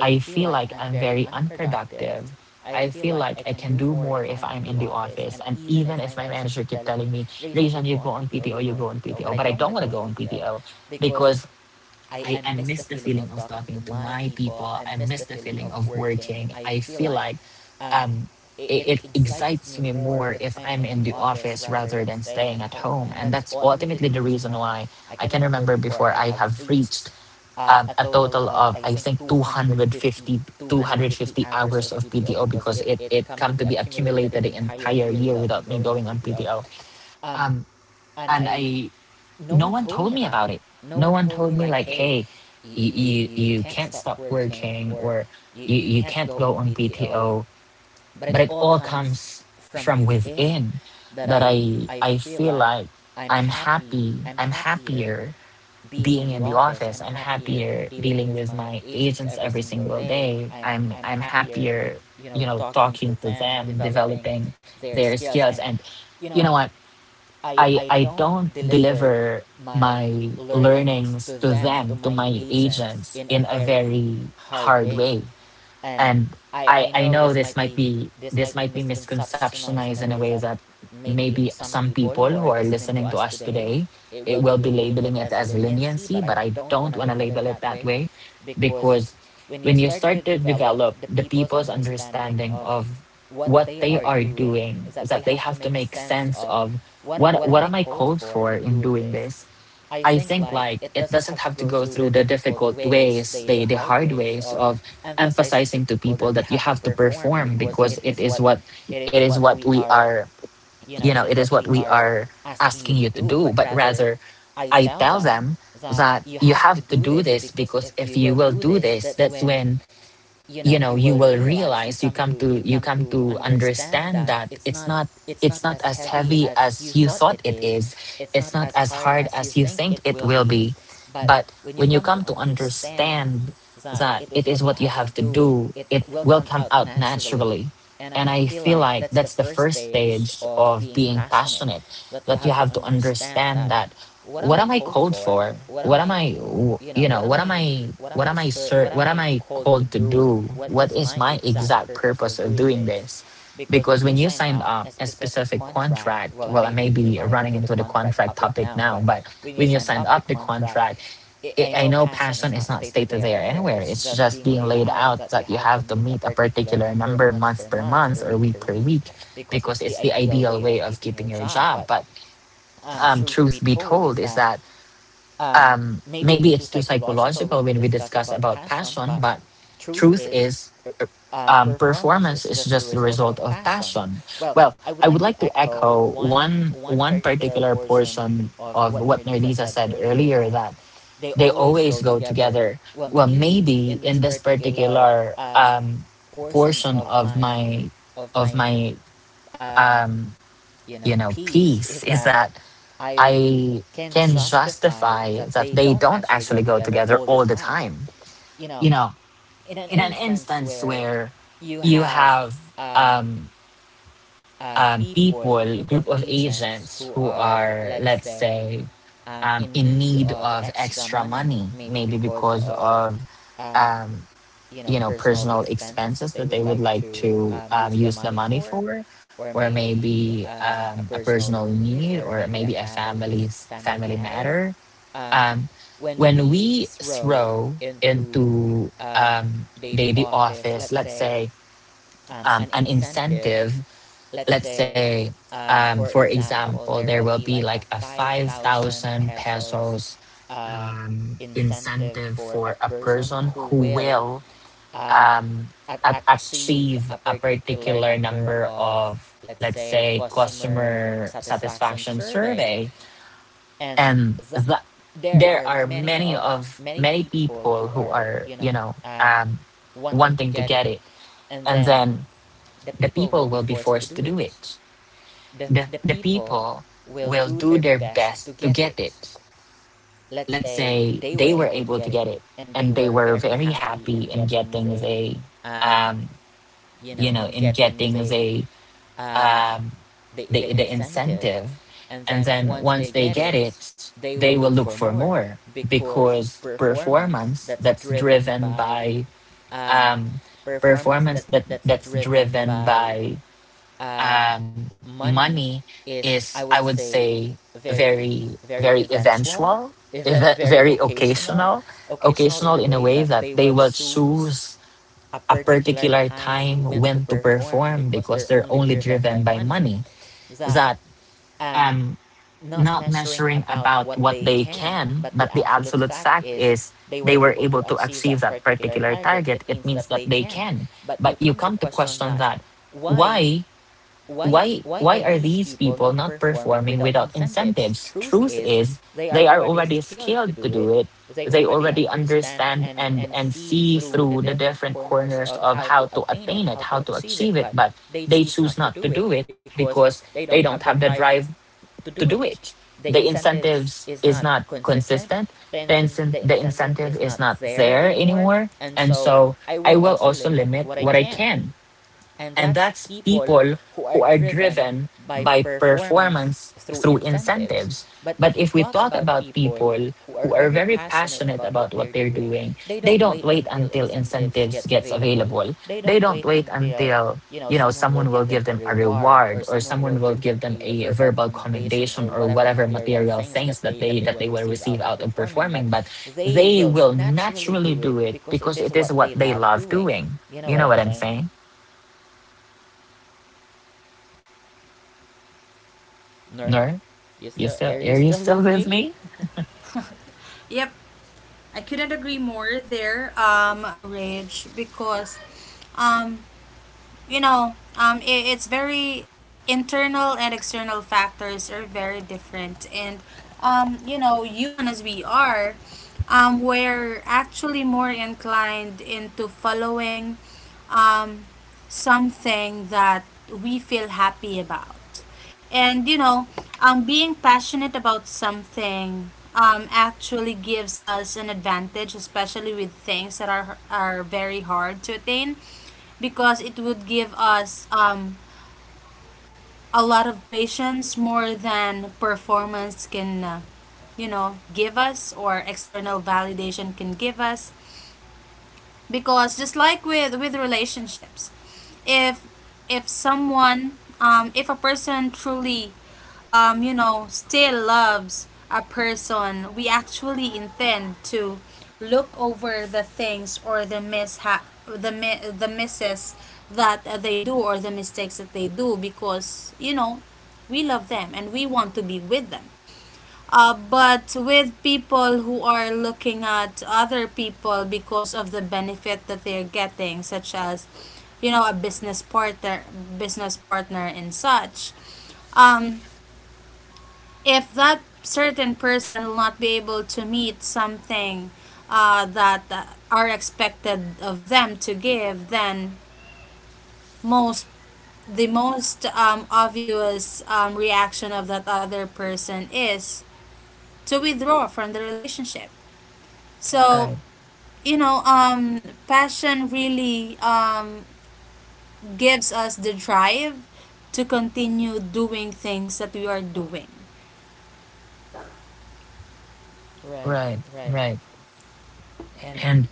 [SPEAKER 1] I feel like I'm very unproductive. I feel like I can do more if I'm in the office. And even if my manager keep telling me, Rajan, you go on PTO, you go on PTO, but I don't want to go on PTO, because I miss the feeling of talking to my people. I miss the feeling of working. I feel like, um, it excites me more if I'm in the office rather than staying at home. And that's ultimately the reason why I can remember before I have reached, a total of, I think, 250 hours of PTO, because it come to be accumulated the entire year without me going on PTO. Um, and I no one told me about it. No one told me, like, hey, you can't stop working, or you can't go on PTO. But it all comes from within, that I feel like I'm happy. I'm happier being in the office. I'm happier dealing with my agents every single day. I'm happier, talking to them, developing their skills. And, you know what? I don't deliver my learnings to them, to my agents, in a very hard way. And I know this might be misconceptionized in a way that maybe some people who are listening to us today, it will be labeling it as leniency, but I don't want to label it that way, because when you start to develop the people's understanding of what they are doing, is that they have to make sense of, what am I called for in doing this. I think, like, it doesn't have to go through the difficult ways, the hard ways of emphasizing to people that you have to perform because it is what, it is what we are it is what we are asking you to do. But rather, I tell them that you have to do this, because if you will do this, that's when, you will realize, you come to understand that it's not as heavy as you thought it is. It's not as hard as you think it will be. But when you come to understand that it is what you have to do, it will come out naturally. And I feel like that's the first stage of being passionate, that you have to understand that, what am I called for? What am I, sir, what am I called to do? What is my exact purpose of doing this? Because when you signed up a specific contract, well, I may be running into the contract topic now, but when you signed up the contract, I know passion is not stated there anywhere. It's just being laid out that you have to meet a particular number, month per month, or week per week, because it's the ideal way of keeping your job. But, truth be told, is that, maybe it's too psychological when we discuss about passion, but truth is, performance is just the result of passion. Well, I would like to echo one particular portion of what Nerdisa said earlier, that they always go together. Well, maybe in this particular, portion of my of my, um, piece, is that I can justify that they don't actually go together all the time. You know, in an instance where you have, um, people, group of agents who are, let's say, in need of extra money, maybe because of, um, personal expenses that they would like to, use the money for, or maybe, a personal need, or maybe a family's family matter, um, when we throw into, daily office, let's say, an incentive, let's say, for example, there will be like a 5,000 pesos, incentive for a person who will, um, achieve a particular number of, let's say, customer satisfaction survey. And there are many of many people who are wanting to get it. And then the people will be forced to do it. The people will do their best to get it. Let's say they were able to get it, and they were very happy in getting the um, you know in getting the, um, the incentive. And then once they get it, they will look for more, because um, performance that's driven by, um, money is, I would say, very, very eventual, very occasional. Occasional in a way that they will choose a particular time when to perform because they're only driven by money, that, um, not measuring about what they can, but the absolute fact is they were able to achieve that particular target. It means that they can. But you come to question that, why why are these people not performing without incentives? Truth is, they are already skilled to do it. They already understand, and see through the different corners of how to attain it, how to achieve it, but they choose not to do it because they don't have the drive to do it. The incentives is not consistent. The incentive is not there anymore. And so I will also limit what I can, and that's people who are driven by performance through incentives. But if we talk about people who are very passionate about what they're doing, they don't wait until incentives gets available. They don't wait until you know someone will give them a reward, or someone will give them a verbal commendation, or whatever material things that they will receive out of performing, but they will naturally do it because it is what they love doing. You know what I'm saying? No. You still are, you still with me?
[SPEAKER 3] Yep. I couldn't agree more there, Rage, because um, you know, I it's very internal and external factors are very different, and you know, human as we are, we're actually more inclined into following um, something that we feel happy about. And you know, being passionate about something actually gives us an advantage, especially with things that are very hard to attain, because it would give us a lot of patience more than performance can, you know, give us or external validation can give us, because just like with relationships, if if someone if a person truly you know still loves a person, we actually intend to look over the things, or the mishap, the the misses that they do, or the mistakes that they do, because you know we love them and we want to be with them. But with people who are looking at other people because of the benefit that they're getting, such as, you know, a business partner, and such. Um, if that certain person will not be able to meet something that are expected of them to give, then most the most obvious reaction of that other person is to withdraw from the relationship. So,
[SPEAKER 1] Right,
[SPEAKER 3] you know, passion really gives us the drive to continue doing things that we are doing.
[SPEAKER 1] right, right. And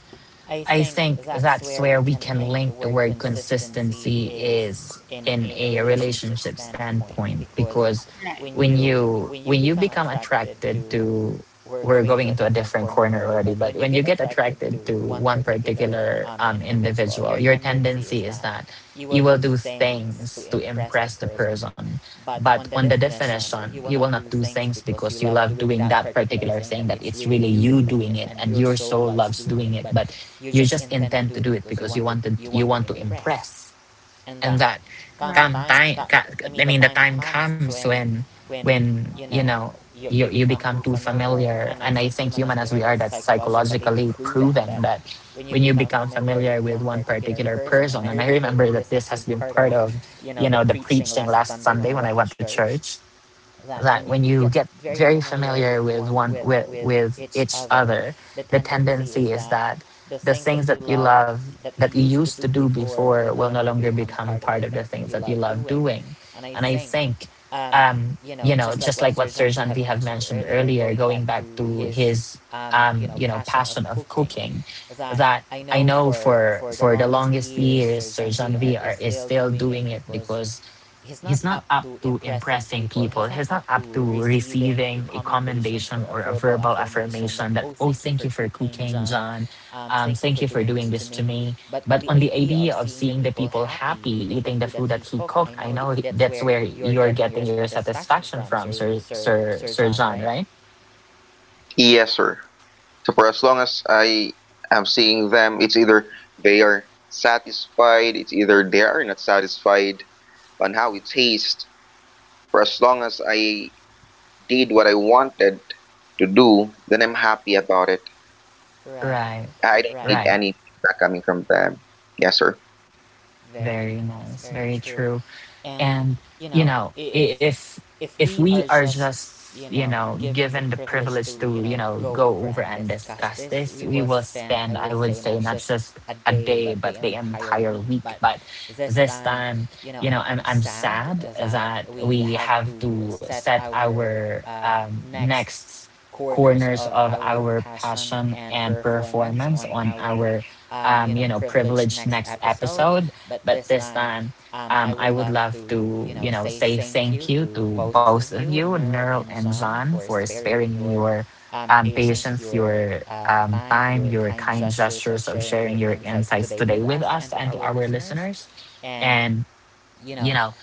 [SPEAKER 1] I think that's where we can link the word consistency, is in a relationship standpoint. Because
[SPEAKER 3] Right.
[SPEAKER 1] when you become attracted to, we're going into a different corner already, but when you get attracted to one particular individual, your tendency is that you will do things to impress the person. But on the definition, you will not do things because you love doing that particular thing, that it's really you doing it and your soul loves doing it, but you just intend to do it because you want to impress. And that
[SPEAKER 3] Right.
[SPEAKER 1] come time I mean the time comes when you know, you become too familiar. And I think, human as we are, that's psychologically proven, that when you become familiar with one particular person, and I remember that this has been part of, you know, the preaching last Sunday when I went to church, that when you get very familiar with one with each other, the tendency is that the things that you love, that you used to do before, will no longer become part of the things that you love doing. And I think, you know, just like what Sergeant we have mentioned earlier, going back to his, you know, passion of cooking, that I know for the longest years, Sir John V are, is still doing it because he's not up to impressing people. He's not up to receiving a commendation or a verbal affirmation that, oh, thank you for cooking, John. Thank you for doing this to me. But on the idea of seeing the people happy eating the food that he cooked, I know that's where you're getting your satisfaction from, Sir John, right?
[SPEAKER 2] Yes, sir. So for as long as I am seeing them, it's either they are satisfied, it's either they are not satisfied on how it tastes. For as long as I did what I wanted to do, then I'm happy about it.
[SPEAKER 1] Right,
[SPEAKER 2] I don't need
[SPEAKER 1] right.
[SPEAKER 2] any feedback coming from them. Yes, sir.
[SPEAKER 1] Very nice. Very true. And you know, if we are just, you know, given the privilege to, you know, go over and discuss this, we will spend, I would say, not just a day but the entire week. But this time, you know, I'm sad that we have to set our next corners of our passion and performance on our, you know, privileged next episode. But this time, I would love to, you know, say thank you to both of you, Nerl and John, for sparing me your patience, your time, your kind gestures of sharing your insights today with us and to our listeners. And, you know,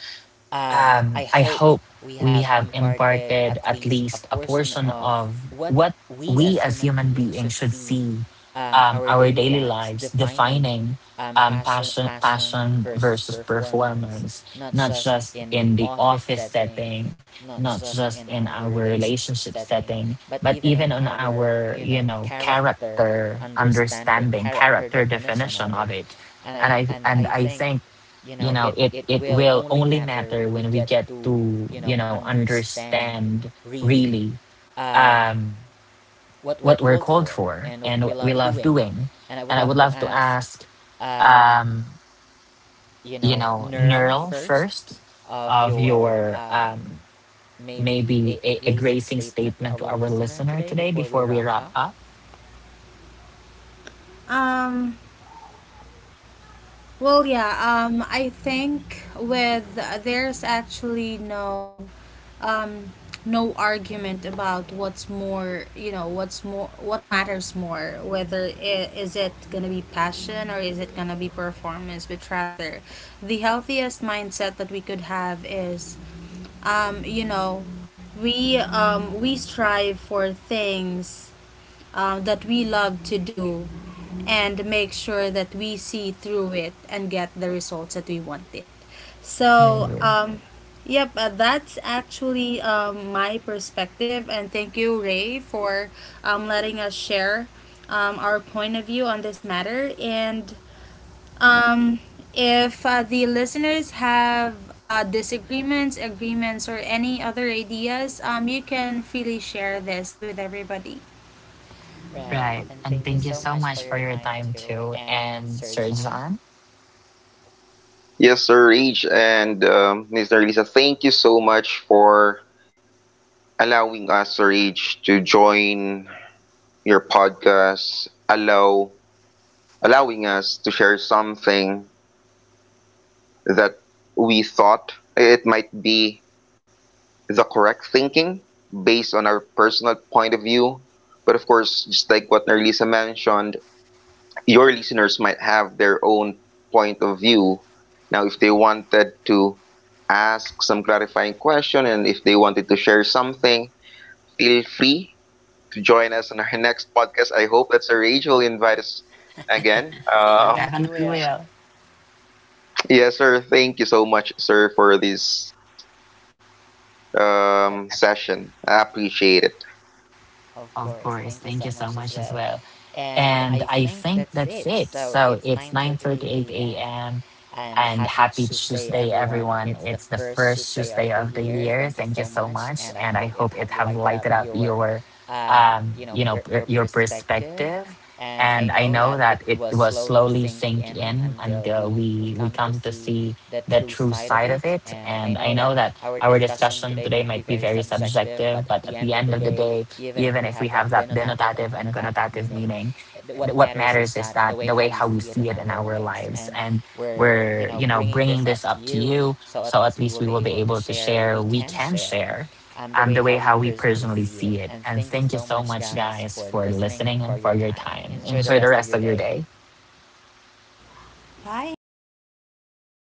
[SPEAKER 1] I hope we have imparted at least a portion of what we as human beings should see, our daily lives defining, passion, passion versus performance, not just in the office setting, not just in our relationship setting, but even on our, you know, character understanding, character definition of it. And I think, you know, it will only matter when we get to, you know, understand really, um what we're called for and what we love doing. And I would love to ask, um you know, neural first of your maybe a gracing statement to our listener today before we wrap up.
[SPEAKER 3] Um, I think with there's actually no um, no argument about what's more, you know, what's more, what matters more, whether is it gonna be passion or is it gonna be performance, but rather the healthiest mindset that we could have is, you know, we strive for things that we love to do and make sure that we see through it and get the results that we wanted. So,
[SPEAKER 1] Mm.
[SPEAKER 3] yep, that's actually my perspective. And thank you, Ray, for letting us share our point of view on this matter. And um, if the listeners have disagreements, agreements, or any other ideas, you can freely share this with everybody.
[SPEAKER 1] Right, and thank you so much for your time too. And Sir John,
[SPEAKER 2] Yes, sir, Age and Mr. Lisa, thank you so much for allowing us, Sir Age, to join your podcast. Allowing us to share something that we thought it might be the correct thinking based on our personal point of view. But of course, just like what Nerlisa mentioned, your listeners might have their own point of view. Now, if they wanted to ask some clarifying question and if they wanted to share something, feel free to join us on our <laughs> next podcast. I hope that's a Rage will invite us again.
[SPEAKER 1] Tahan Piwil.
[SPEAKER 2] Yes, sir. Thank you so much, sir, for this session. I appreciate it.
[SPEAKER 1] Of course, thank you so much as well. And I think that's it. So it's 9:38 a.m. And happy Tuesday everyone. It's the first Tuesday of the year. Thank you so much, and I hope it have lighted up your, you know, your perspective. And I know that it was slowly sink in until we come to see the true side of it. And I know that our discussion today might be very subjective, but at the end of the day, even if we have that denotative and connotative meaning, what matters is that the way how we see it in our lives. And we're, you know, bringing this up to you, so at least we will be able to share, we can share, the way how we personally see it. And thank you so much guys for listening and for your time. Enjoy the rest of your day.
[SPEAKER 3] Bye.